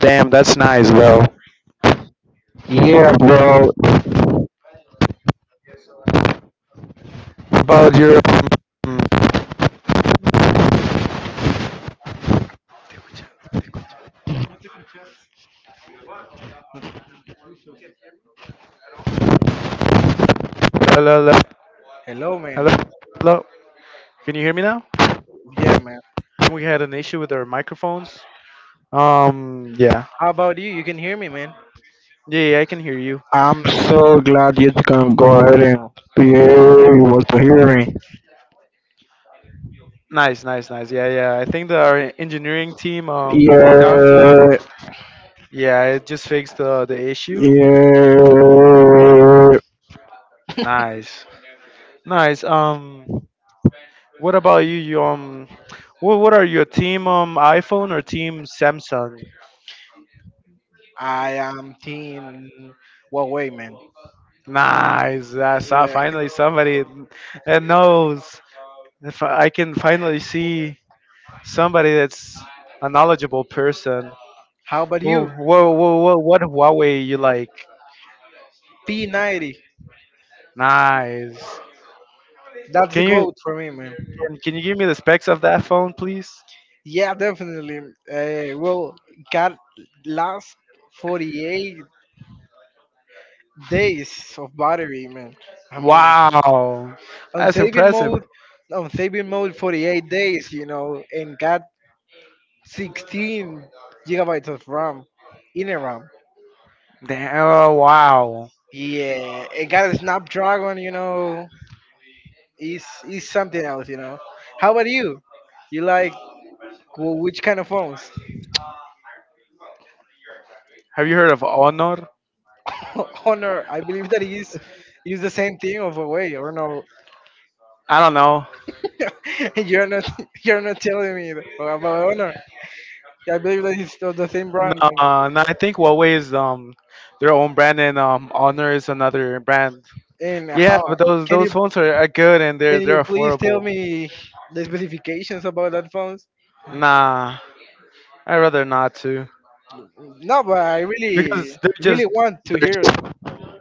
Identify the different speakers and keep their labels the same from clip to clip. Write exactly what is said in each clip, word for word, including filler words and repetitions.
Speaker 1: Damn, that's nice bro. About Europe,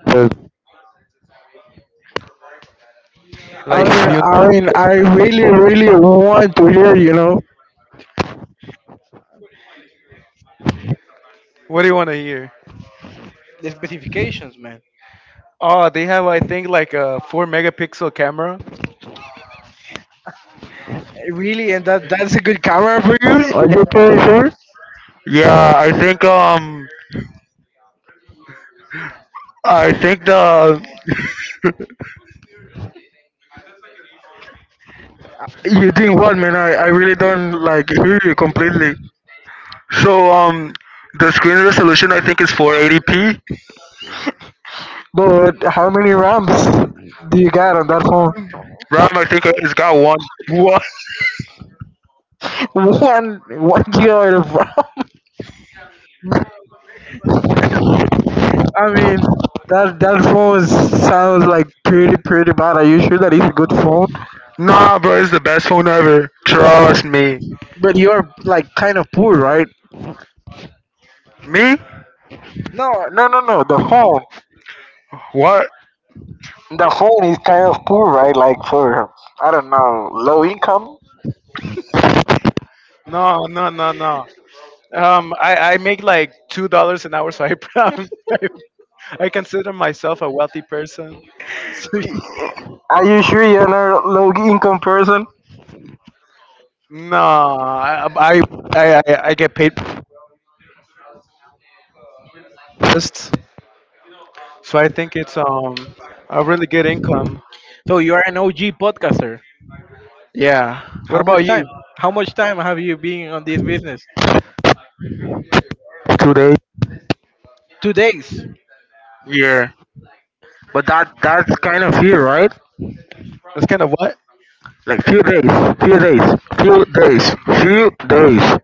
Speaker 1: uh,
Speaker 2: Really, and that that's a good camera for you? Are you pretty sure?
Speaker 1: yeah. I,
Speaker 2: You think what, man? I, I really don't like hear you completely.
Speaker 1: so um, the screen resolution I think is four eighty p.
Speaker 2: But how many RAMs do you got on that phone?
Speaker 1: RAM I think it's got one.
Speaker 2: one one gigabyte of RAM sounds like pretty, pretty bad. Are you sure that it's a good phone?
Speaker 1: Nah, bro, it's the best phone ever. Trust me.
Speaker 2: But you're like kind of poor, right?
Speaker 1: Me?
Speaker 2: No, no, no, no. The phone,
Speaker 1: What?
Speaker 2: the phone is kind of poor, right? Like for I don't know, low income. Are you sure you're not a low income person?
Speaker 1: Today?
Speaker 2: But that that's kind of here, right?
Speaker 1: Kind of what?
Speaker 2: Like few days, few days, few days, few days.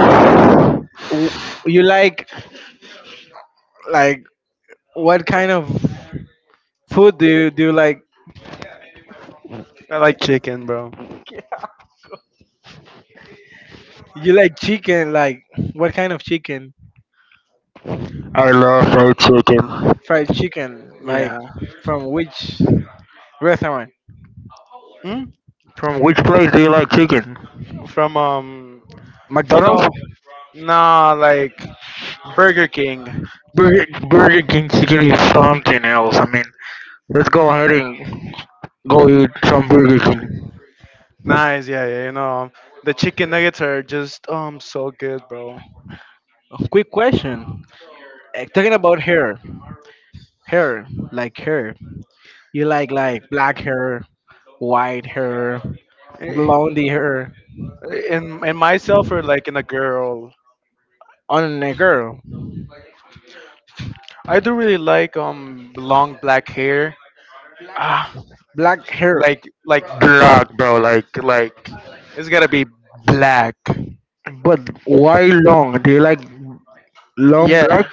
Speaker 1: I fried chicken.
Speaker 2: From which place do you like chicken? McDonald's? Burger, Burger King chicken is something else. I mean, let's go ahead and go eat some Burger King.
Speaker 1: Black, bro. Like like black.
Speaker 2: Long Black?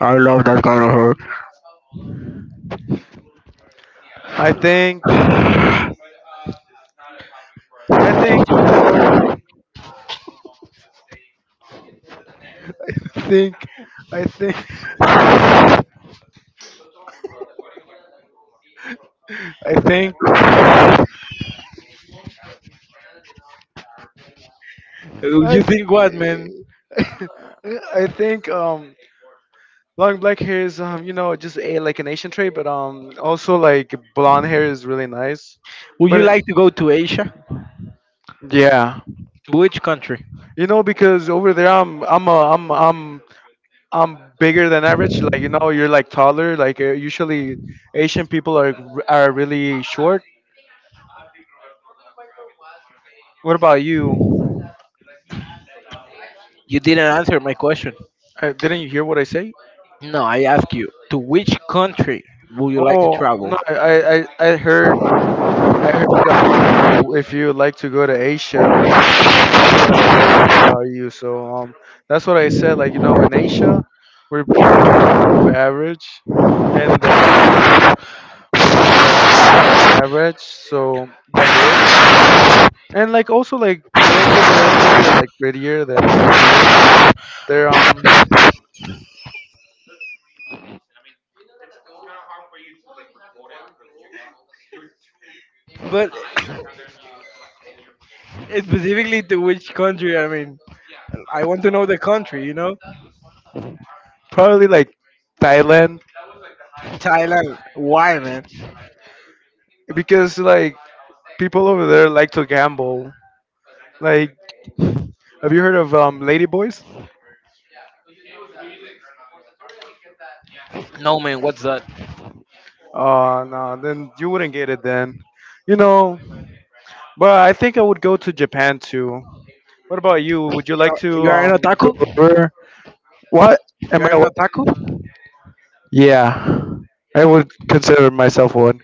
Speaker 2: I love.
Speaker 1: Where- What am I? What? Yeah, I would consider myself one.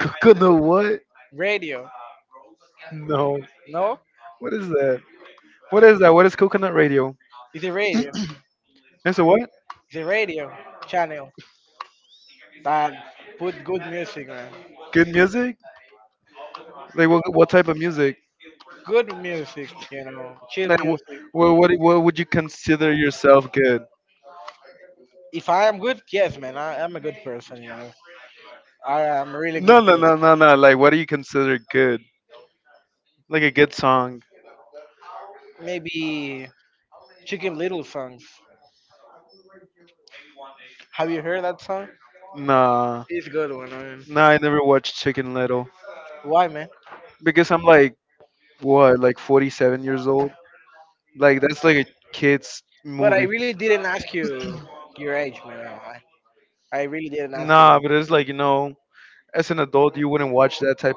Speaker 1: Gonna what?